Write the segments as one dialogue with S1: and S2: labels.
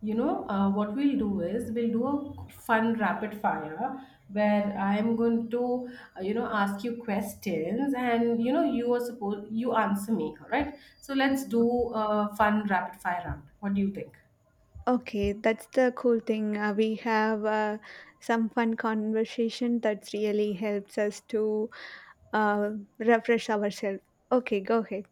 S1: What we'll do is we'll do a fun rapid fire where I'm going to ask you questions and you are supposed, you answer me, all right? So let's do a fun rapid fire round. What do you think?
S2: Okay, that's the cool thing. We have some fun conversation that really helps us to uh, refresh ourselves. Okay, go ahead.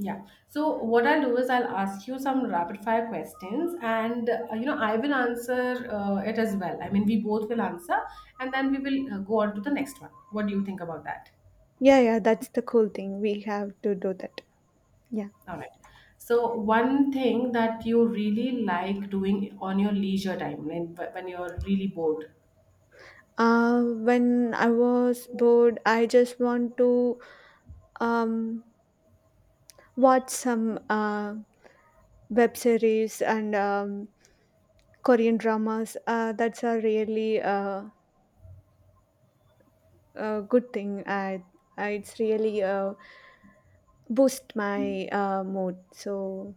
S1: Yeah. So what I'll do is I'll ask you some rapid fire questions and I will answer it as well. I mean, we both will answer and then we will go on to the next one. What do you think about that?
S2: Yeah, yeah, that's the cool thing. We have to do that. Yeah.
S1: All right. So one thing that you really like doing on your leisure time, when you're really bored.
S2: When I was bored, I just want to um, watch some web series and Korean dramas. That's a really a good thing. It's really boost my mood. So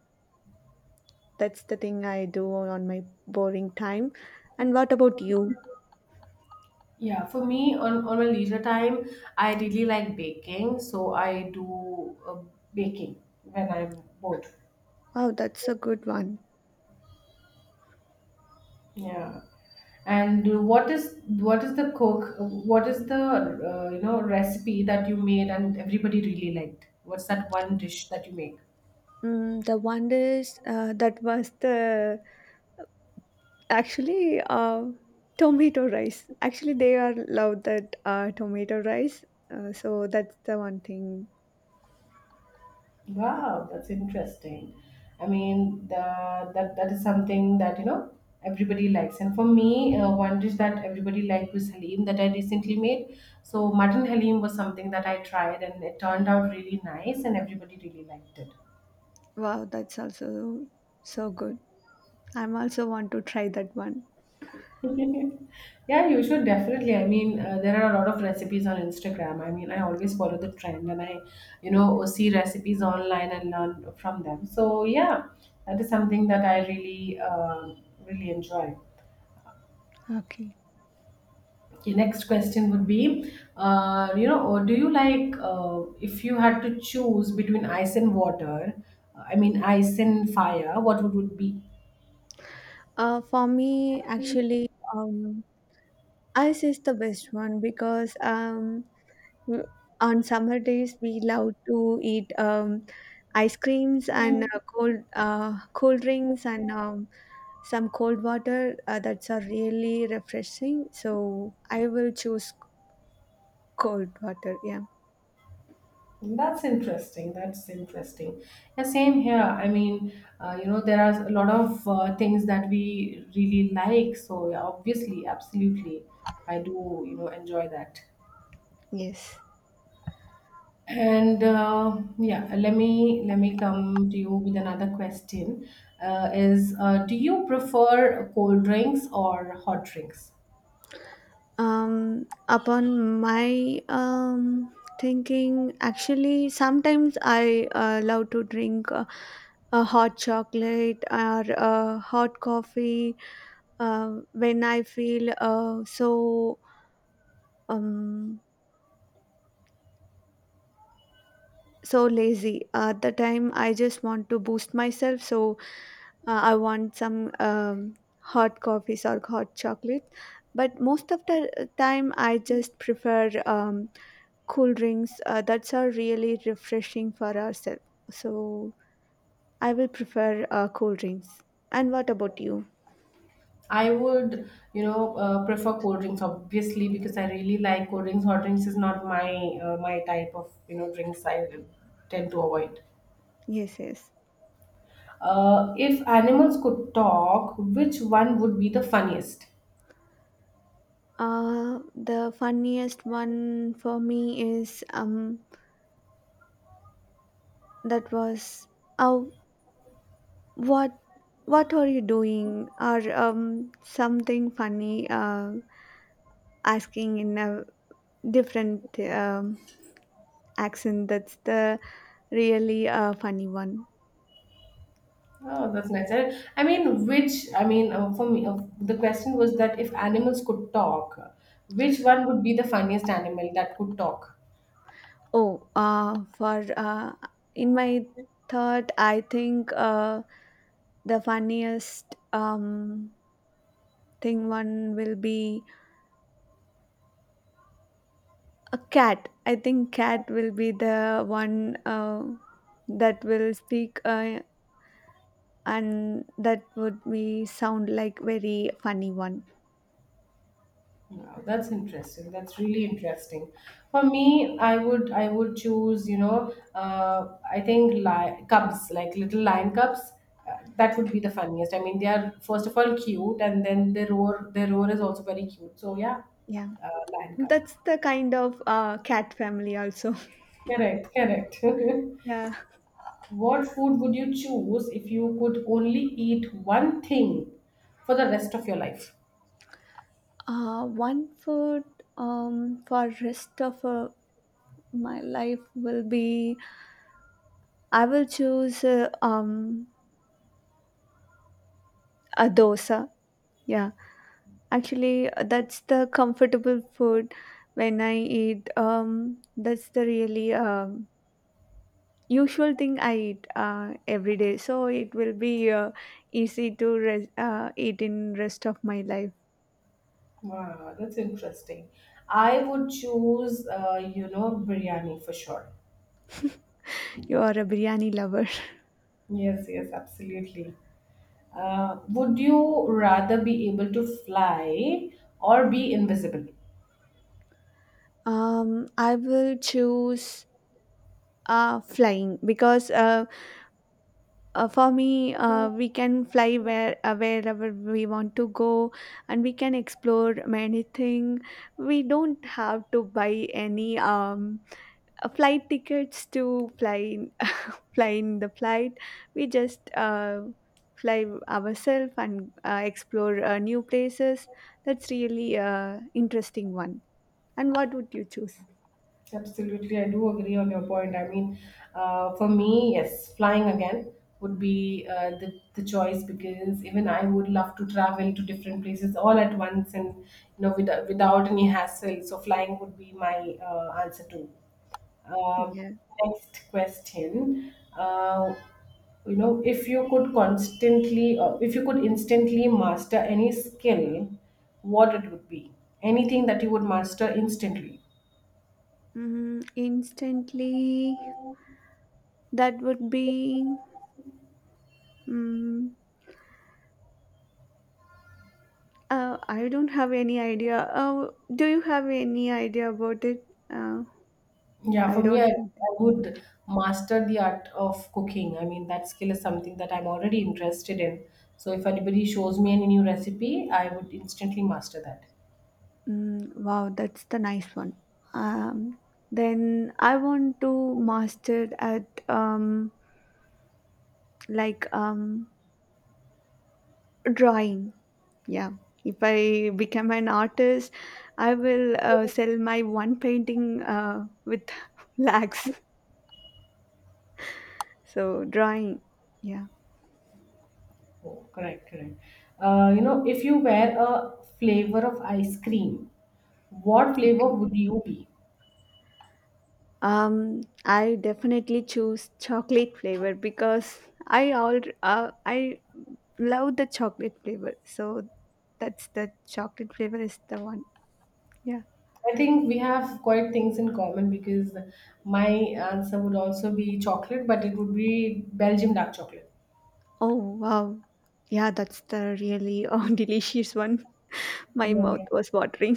S2: that's the thing I do on my boring time. And what about you?
S1: Yeah, for me on my leisure time, I really like baking, so I do baking when I'm bored.
S2: Wow, that's a good one.
S1: Yeah. And what is the cook? What is the you know recipe that you made and everybody really liked? What's that one dish that you make?
S2: The one is that was the actually tomato rice. Actually, they are love that tomato rice. So that's the one thing.
S1: Wow, that's interesting. I mean, the, that that is something that you know everybody likes. And for me, one dish that everybody liked was Halim that I recently made. So mutton Halim was something that I tried, and it turned out really nice, and everybody really liked it.
S2: Wow, that's also so good. I'm also want to try that one.
S1: Yeah, you should definitely. I mean, there are a lot of recipes on Instagram. I mean, I always follow the trend, and I see recipes online and learn from them. So yeah, that is something that I really enjoy.
S2: Okay.
S1: Okay, next question would be, you know, or do you like if you had to choose between ice and water, I mean ice and fire, what would it be?
S2: For me, actually, um, ice is the best one because w- on summer days we love to eat ice creams and cold drinks and some cold water that's are really refreshing. So I will choose cold water. Yeah.
S1: That's interesting. That's interesting. Yeah, same here. I mean, there are a lot of things that we really like. So yeah, obviously, absolutely, I do, enjoy that.
S2: Yes.
S1: And yeah, let me come to you with another question. Is Do you prefer cold drinks or hot drinks?
S2: Upon my thinking, actually, sometimes I love to drink a hot chocolate or hot coffee when I feel um, so lazy. At the time, I just want to boost myself, so I want some hot coffees or hot chocolate. But most of the time, I just prefer cool drinks. That's are really refreshing for ourselves. So I will prefer cool drinks. And what about you?
S1: I would, prefer cold drinks obviously because I really like cold drinks. Hot drinks is not my my type of you know drinks. I tend to avoid.
S2: Yes, yes.
S1: If animals could talk, which one would be the funniest?
S2: The funniest one for me is that was oh, what what are you doing, or something funny asking in a different um, accent. That's the really funny one.
S1: Oh, that's nice. I mean, which, I mean, for me, the question was that if animals could talk, which one would be the funniest animal that could talk?
S2: Oh, for in my thought, I think the funniest thing one will be a cat. I think cat will be the one that will speak, and that would be sound like very funny one.
S1: Wow, that's interesting. That's really interesting. For me, I would choose, I think cubs, like little lion cubs. That would be the funniest. I mean, they are first of all cute, and then their roar is also very cute. So yeah,
S2: Yeah,
S1: lion cub.
S2: that's the kind of cat family also.
S1: Correct, correct.
S2: Yeah.
S1: What food would you choose if you could only eat one thing for the rest of your life?
S2: One food for rest of my life will be, I will choose a dosa. Yeah, actually that's the comfortable food when I eat. That's the really usual thing I eat every day, so it will be easy to eat in rest of my life.
S1: Wow, that's interesting. I would choose, biryani for sure.
S2: You are a biryani lover.
S1: Yes, yes, absolutely. Would you rather be able to fly or be invisible?
S2: I will choose flying because for me, we can fly wherever we want to go, and we can explore many things. We don't have to buy any flight tickets to fly in the flight. We just fly ourselves and explore new places. That's really interesting one. And what would you choose?
S1: Absolutely, I do agree on your point. I mean, for me, yes, flying again would be the choice because even I would love to travel to different places all at once and you know without any hassle. So flying would be my answer too. Um,
S2: Yeah.
S1: next question. You know, if you could constantly, or if you could instantly master any skill, what it would be? Anything that you would master instantly.
S2: mm, Instantly, that would be mm, I don't have any idea. uh, do you have any idea about it? uh,
S1: Yeah,
S2: i
S1: for me,
S2: don't
S1: I,
S2: have.
S1: I would master the art of cooking. I mean, that skill is something that I'm already interested in. So if anybody shows me any new recipe, I would instantly master that.
S2: Mm, wow, that's the nice one. um, then I want to master at, like, drawing. Yeah, if I become an artist, I will sell my one painting with lakhs. So drawing. Yeah.
S1: Oh, correct, correct. If you were a flavor of ice cream, what flavor
S2: Okay.
S1: would you be?
S2: I definitely choose chocolate flavor because I love the chocolate flavor. So that's the chocolate flavor is the one. Yeah.
S1: I think we have quite things in common because my answer would also be chocolate, but it would be Belgium dark chocolate.
S2: Oh, wow, yeah, that's the really delicious one. My mouth
S1: Yeah.
S2: was watering.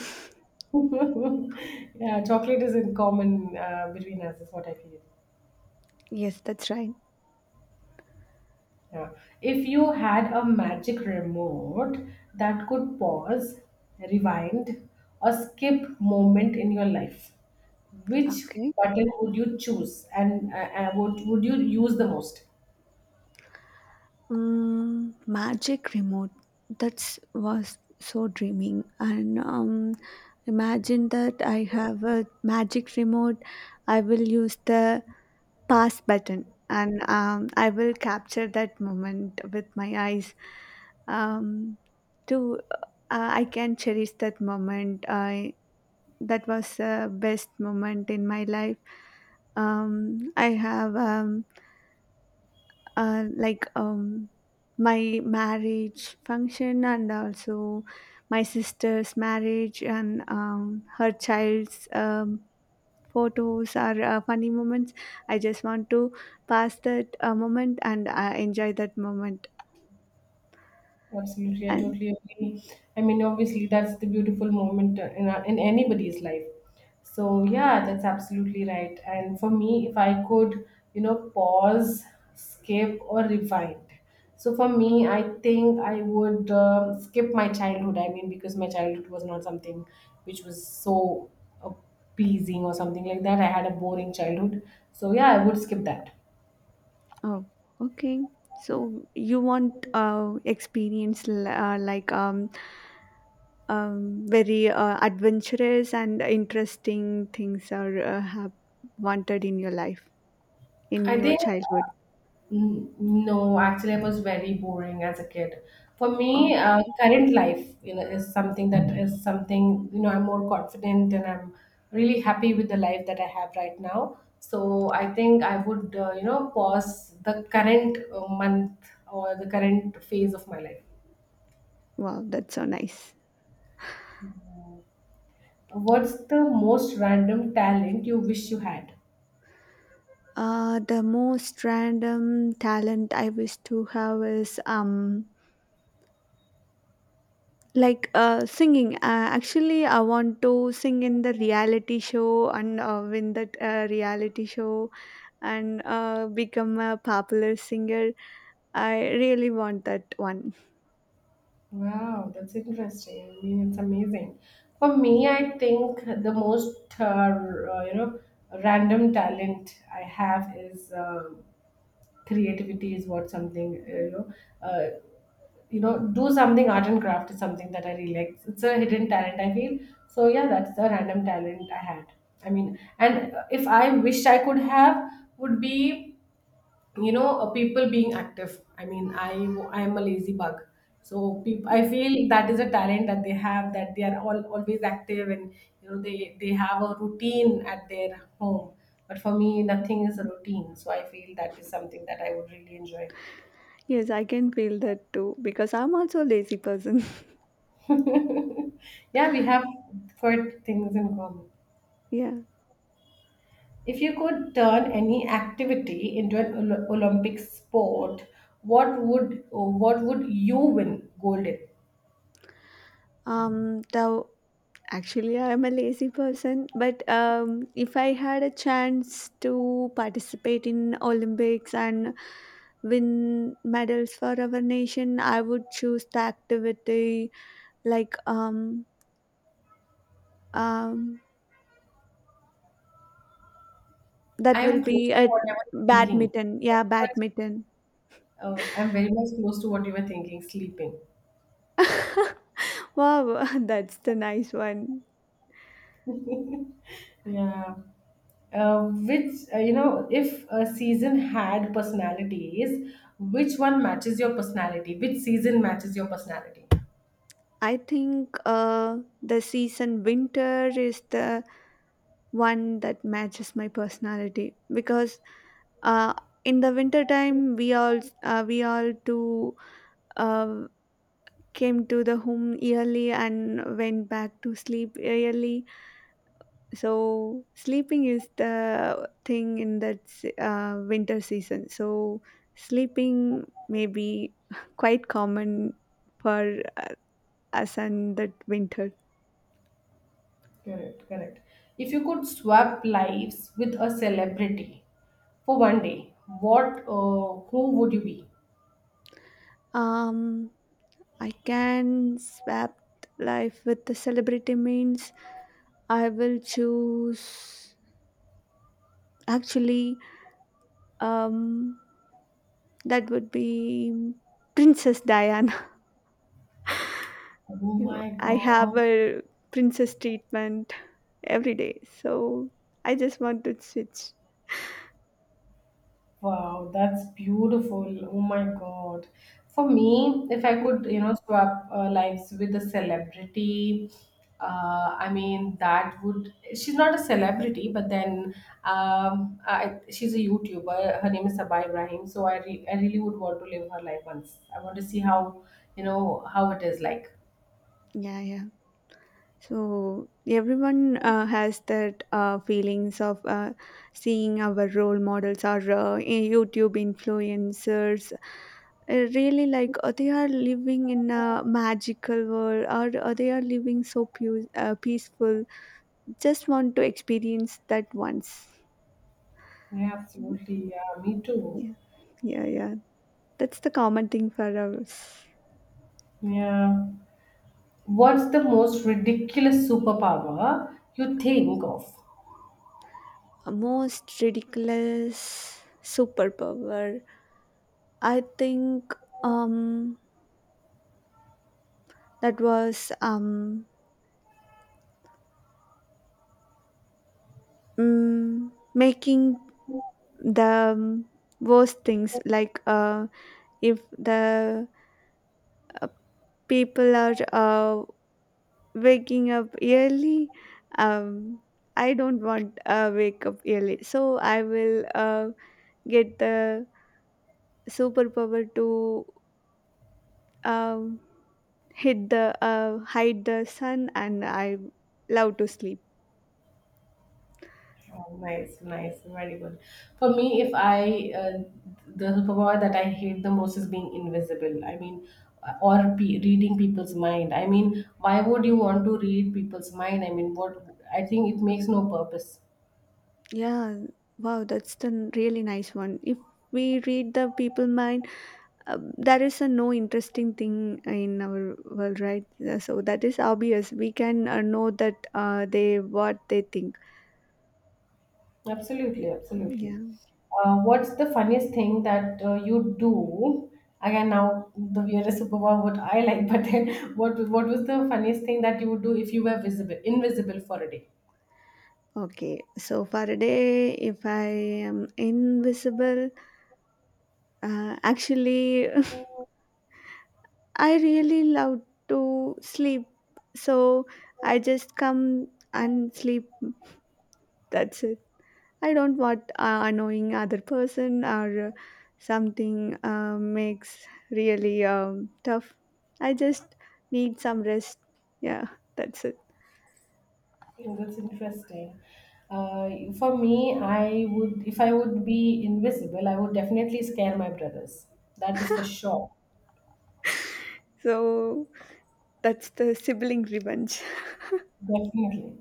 S1: Yeah, chocolate is in common between us, is what I feel.
S2: Yes, that's right.
S1: Yeah. If you had a magic remote that could pause, rewind, or skip moment in your life, which
S2: Okay.
S1: button would you choose and would you use the most?
S2: Mm, magic remote. That was so dreaming. And imagine that I have a magic remote. I will use the pass button, and I will capture that moment with my eyes. Um, to I can cherish that moment. I That was the best moment in my life. I have, like, my marriage function and also my sister's marriage and her child's photos are funny moments. I just want to pass that moment and enjoy that moment.
S1: Absolutely, I
S2: And.
S1: totally agree. I mean, obviously, that's the beautiful moment in anybody's life. So yeah, that's absolutely right. And for me, if I could, pause, skip, or rewind. So for me, I think I would skip my childhood. I mean, because my childhood was not something which was so appeasing or something like that. I had a boring childhood. So yeah, I would skip that.
S2: Oh, okay. So you want experience, like, very adventurous and interesting things are wanted in your life, in
S1: I
S2: your
S1: think
S2: childhood.
S1: Mm, no, actually, I was very boring as a kid. For me,
S2: Okay.
S1: current life, you know, is something that is something, you know, I'm more confident and I'm really happy with the life that I have right now. So I think I would, pause the current month or the current phase of my life.
S2: Wow, that's so nice.
S1: What's the most random talent you wish you had?
S2: The most random talent I wish to have is, like, singing. Actually, I want to sing in the reality show and win that reality show and become a popular singer. I really want that one.
S1: Wow, that's interesting. I mean, it's amazing. For me, I think the most uh, you know random talent I have is creativity. Is what something Uh, do something art and craft is something that I really like. It's a hidden talent, I feel. So yeah, that's the random talent I had. I mean, and if I wished I could have, would be people being active. I am a lazy bug so peop I feel that is a talent that they have that they are always active and you know they have a routine at their home but for me nothing is a routine so I feel that is something that I would really enjoy.
S2: Yes, I can feel that too because I'm also a lazy person.
S1: Yeah, we have quite things in common.
S2: Yeah.
S1: If you could turn any activity into an Olympic sport, what would you win gold in?
S2: The Actually, I am a lazy person, but if I had a chance to participate in Olympics and win medals for our nation, I would choose the activity, like, um that
S1: I
S2: will
S1: am close
S2: be
S1: to
S2: a
S1: what you're thinking.
S2: badminton. Yeah,
S1: Very much,
S2: badminton.
S1: I'm very much close to what you were thinking, sleeping.
S2: Wow, that's the nice one.
S1: Yeah. Uh, if a season had personalities, which one matches your personality? Which season matches your personality?
S2: I think the season winter is the one that matches my personality because uh, in the winter time, we all too uh, came to the home early and went back to sleep early. So sleeping is the thing in that winter season. So sleeping may be quite common for us, and that winter.
S1: Correct, correct. If you could swap lives with a celebrity for 1 day, who would you be?
S2: um I can swap life with the celebrity means I will choose. Actually, um, that would be Princess Diana.
S1: Oh
S2: You know,
S1: my
S2: I have
S1: God.
S2: a princess treatment every day, so I just want to switch.
S1: Wow, that's beautiful. Oh my God. For me, if I could, swap lives with a celebrity, I mean, that would, she's not a celebrity, but then she's a YouTuber. Her name is Sabah Ibrahim. So I really would want to live her life once. I want to see how, how it is like.
S2: Yeah, yeah. So everyone has that feelings of seeing our role models or YouTube influencers. Really, like they are living in a magical world, or they are living so peaceful. Just want to experience that once.
S1: Yeah, absolutely. Yeah, me too.
S2: Yeah, yeah, yeah. That's the common thing for us.
S1: Yeah. What's the most ridiculous superpower you think of?
S2: Most ridiculous superpower. I think. Um, that was, making the worst things, like if the people are waking up early. um, I don't want wake up early, so I will get the superpower to um, hit the hide the sun, and I love to sleep.
S1: Oh, nice, nice, very good. For me, if I the superpower that I hate the most is being invisible. I mean, reading people's mind. I mean, why would you want to read people's mind? I mean, what? I think it makes no purpose.
S2: Yeah, wow, that's the really nice one. If we read the people mind, there is a no interesting thing in our world, right? So that is obvious we can know that they what they think.
S1: Absolutely, absolutely.
S2: Yeah,
S1: What's the funniest thing that you do? Again, now the weirdest superpower what I like, but then what was the funniest thing that you would do if you were invisible for a day?
S2: okay. So for a day, if I am invisible, actually, I really love to sleep. So I just come and sleep. That's it. I don't want annoying other person or something makes really tough. I just need some rest. Yeah, that's it.
S1: Yeah, that's interesting. Uh, for me, I would, if I would be invisible, I would definitely scare my brothers. That is for sure.
S2: So that's the sibling revenge.
S1: Definitely.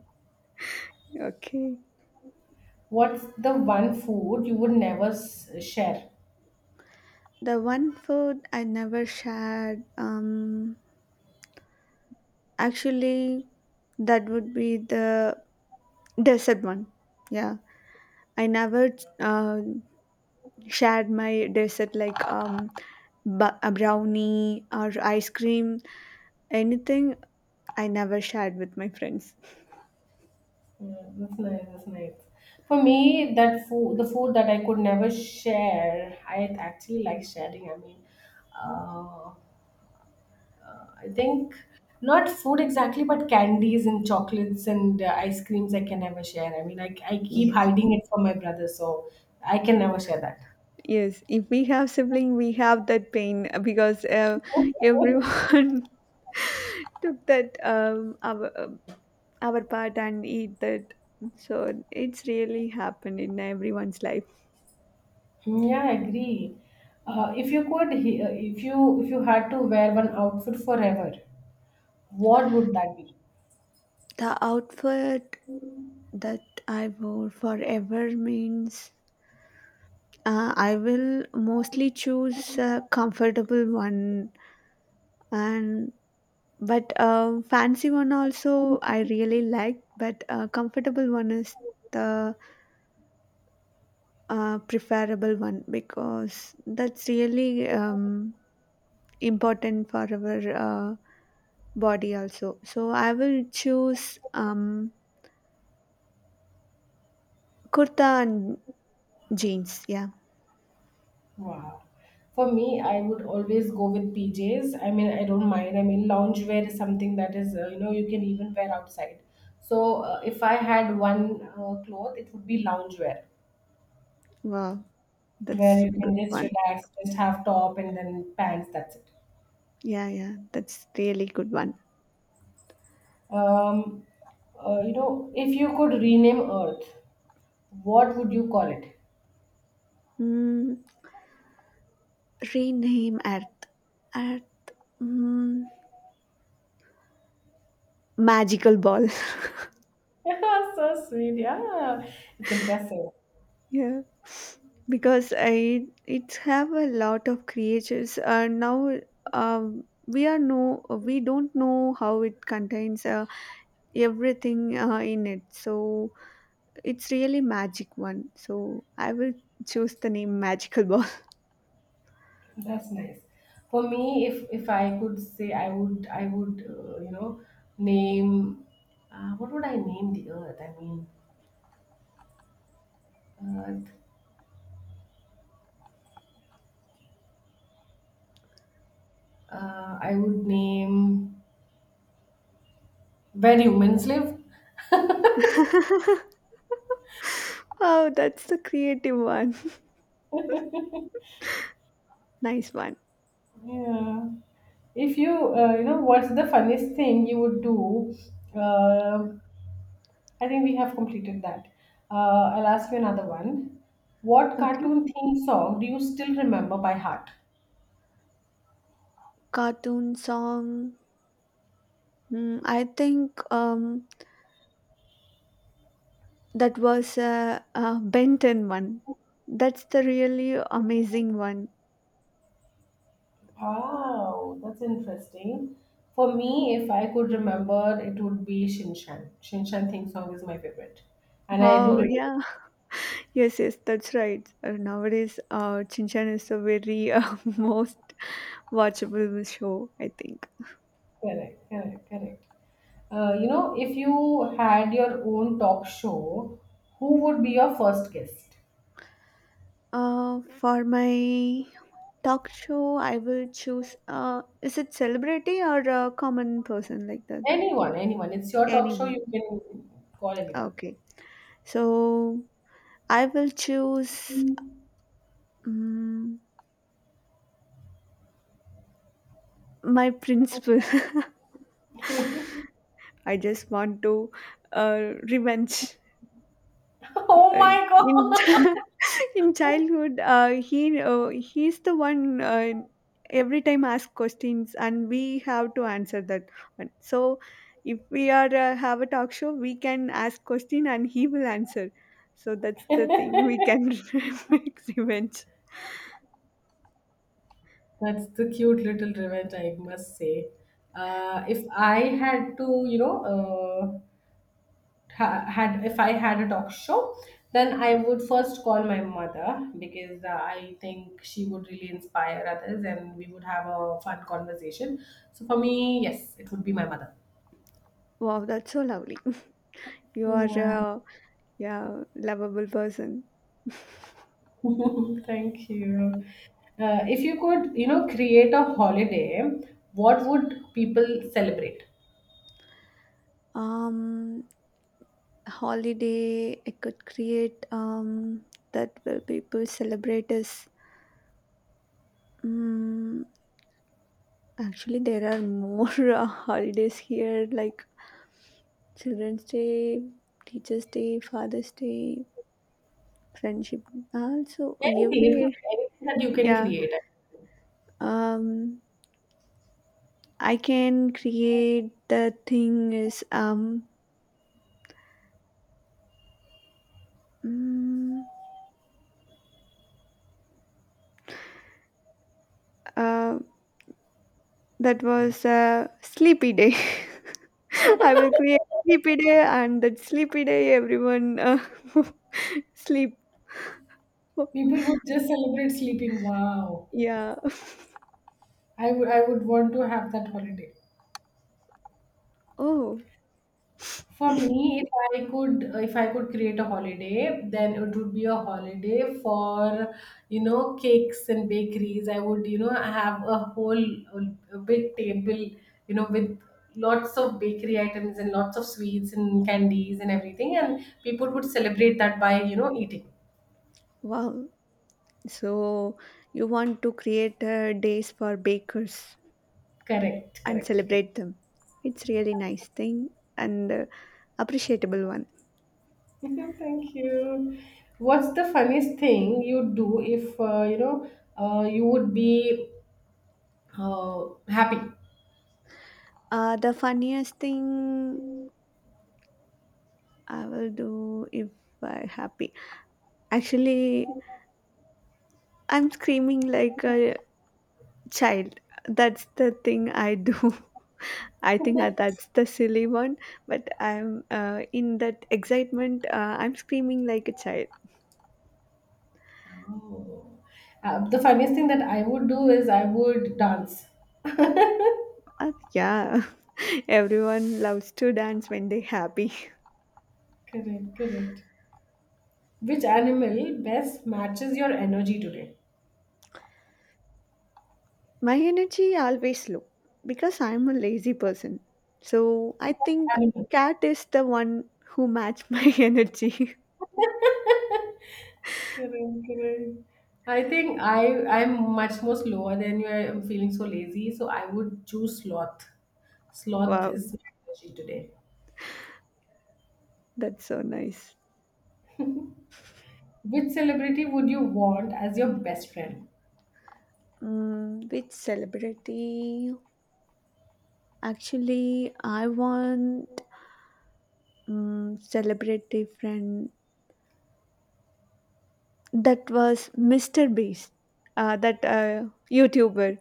S2: Okay.
S1: What's the one food you would never share?
S2: The one food I never shared, actually, that would be the dessert one. Yeah, I never uh, shared my dessert, like, a brownie or ice cream, anything. I never shared with my friends.
S1: Yeah, that's nice. That's nice. For me, the food that I could never share, I actually like sharing. I mean, uh, I think not food exactly, but candies and chocolates and ice creams I can never share. I mean, I keep
S2: Yes,
S1: hiding it from my brother, so I can never share that.
S2: yes. If we have sibling, we have that pain because everyone took that our part and eat that. So it's really happened in everyone's life.
S1: Yeah, I agree. If you could, he- if you had to wear one outfit forever, what would that be?
S2: The outfit that I wore forever means, I will mostly choose a comfortable one, and but fancy one also I really like. But comfortable one is the preferable one because that's really important for our body also. So I will choose kurta and jeans. Yeah,
S1: Wow. For me, I would always go with PJs. I mean, I don't mind. I mean, loungewear is something that is, you can even wear outside. So, if I had one cloth, it would be loungewear.
S2: wow,
S1: Where
S2: that's
S1: you
S2: good
S1: can just
S2: one.
S1: relax, just have top and then pants. That's it.
S2: Yeah, yeah, that's really good one.
S1: Um, if you could rename Earth, what would you call it?
S2: Mm, rename Earth. Earth. mm, Magical ball.
S1: Yeah, so sweet. Yeah, it's impressive.
S2: Yeah, because I it have a lot of creatures. Now, we are no we don't know how it contains everything in it. So it's really magic one. So I will choose the name magical ball.
S1: That's nice. For me, if I could say, I would you know name what would I name the Earth? I mean, Earth. I would name where humans live.
S2: Oh, that's the creative one. Nice one.
S1: Yeah. If what's the funniest thing you would do? Uh, I think we have completed that. I'll ask you another one. What
S2: Okay.
S1: cartoon theme song do you still remember by heart?
S2: Cartoon song. I think, that was a Benton one. That's the really amazing one.
S1: Wow, that's interesting. For me, if I could remember, it would be Shinshan. Shinshan theme song is my favorite, and I do
S2: Wow,
S1: remember.
S2: yeah. Yes, yes, that's right. Nowadays, Chinchan is a very most watchable show, I think.
S1: Correct, correct, correct. If you had your own talk show, who would be your first guest?
S2: For my talk show, I will choose, is it celebrity or a common person like that?
S1: Anyone, anyone. It's your talk show.
S2: Anyone.
S1: You can call anyone.
S2: Okay. So I will choose, um, my principal. I just want to revenge.
S1: Oh
S2: Uh,
S1: my
S2: in
S1: god.
S2: In childhood, he's the one every time ask questions, and we have to answer that one. So if we are, have a talk show, we can ask question and he will answer. So that's the thing we can make revenge.
S1: That's the cute little revenge, I must say. If I had to, you know, ha- had if I had a talk show, then I would first call my mother because I think she would really inspire others, and we would have a fun conversation. So for me, yes, it would be my mother.
S2: Wow, that's so lovely. You are
S1: Yeah.
S2: a, yeah, lovable person.
S1: Thank you. If you could, create a holiday, what would people celebrate?
S2: Um, Holiday I could create, that will people celebrate is, mm actually, there are more holidays here like Children's Day, Teachers Day, Father's Day, Friendship. Also
S1: Anything. It could
S2: every,
S1: be anything that you can
S2: yeah.
S1: create.
S2: um, I can create the thing is, mm, uh, that was a sleepy day. I will create sleepy day, and that sleepy day, everyone sleep.
S1: People would just celebrate sleeping. Wow.
S2: Yeah.
S1: I would want to have that holiday.
S2: Oh,
S1: For me, if I could create a holiday, then it would be a holiday for, cakes and bakeries. I would, have a whole a big table, with lots of bakery items and lots of sweets and candies and everything, and people would celebrate that by, eating.
S2: wow. So you want to create days for bakers
S1: Correct,
S2: and
S1: correct, correct.
S2: celebrate them. It's really nice thing, and appreciable one.
S1: Thank you. What's the funniest thing you'd do if you would be happy?
S2: The funniest thing I will do if I happy. Actually, I'm screaming like a child. That's the thing I do. I think that's the silly one, but I'm in that excitement. I'm screaming like a child.
S1: Oh. The funniest thing that I would do is I would dance.
S2: Yeah, everyone loves to dance when they're happy.
S1: Correct, correct. Which animal best matches your energy today?
S2: My energy always low because I'm a lazy person. So I think
S1: Animal.
S2: cat is the one who match my energy.
S1: Correct, correct. I think I'm much more slower than you. I'm feeling so lazy, so I would choose sloth. Sloth
S2: Wow,
S1: is my energy today.
S2: that's so nice.
S1: Which celebrity would you want as your best friend?
S2: Mm, which celebrity? Actually, I want, celebrity friend that was Mr. Beast, that YouTuber,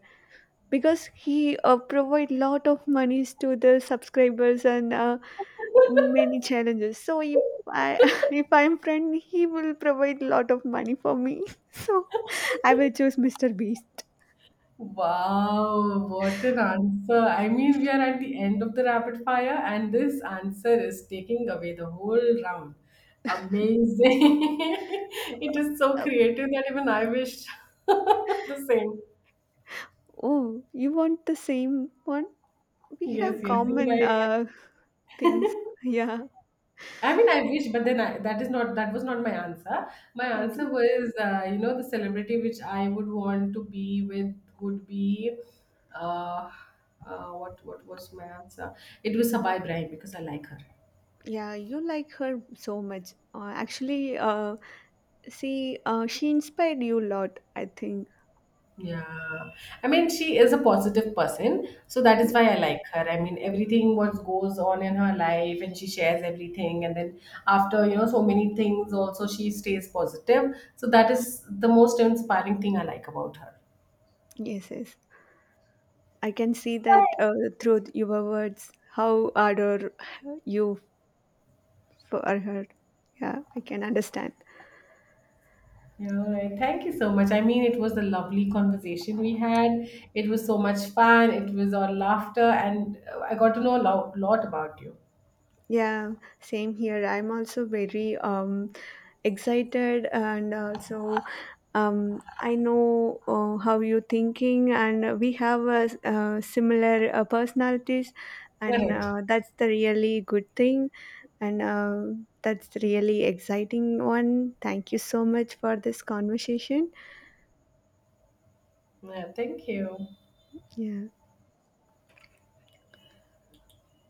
S2: because he provide lot of monies to the subscribers and many challenges. So if I if I'm friend, he will provide lot of money for me. So I will choose Mr. Beast.
S1: Wow, what an answer. I mean, we are at the end of the rapid fire, and this answer is taking away the whole round. Amazing. It is so
S2: Uh,
S1: creative that even I wish the same.
S2: oh, you want the same one? We
S1: Yes,
S2: have
S1: yes. Even I,
S2: common
S1: I
S2: things. Yeah.
S1: I mean, I wish, but then I, that is not that was not my answer. My
S2: Okay.
S1: answer was, the celebrity which I would want to be with would be, uh, what was my answer? It was Sabah Ibrahim because I like her.
S2: Yeah, you like her so much. Actually, see, she inspired you a lot, I think.
S1: Yeah. I mean, she is a positive person, so that is
S2: Ye-
S1: why I like her. I mean, everything what goes on in her life and she shares everything and then after, so many things also she stays positive. So that is the most inspiring thing I like about her.
S2: Yes, yes. I can see that through your words, how adore you for her. Yeah, I can understand.
S1: Yeah, all right. Thank you so much. I mean, it was a lovely conversation we had. It was so much fun. It was all laughter and I got to know a lot, lot about you.
S2: Yeah, same here. I'm also very excited and also, I know how you're thinking, and we have similar personalities,
S1: All
S2: and
S1: right.
S2: that's the really good thing. And that's really exciting one. Thank you so much for this conversation.
S1: Yeah, thank you.
S2: Yeah.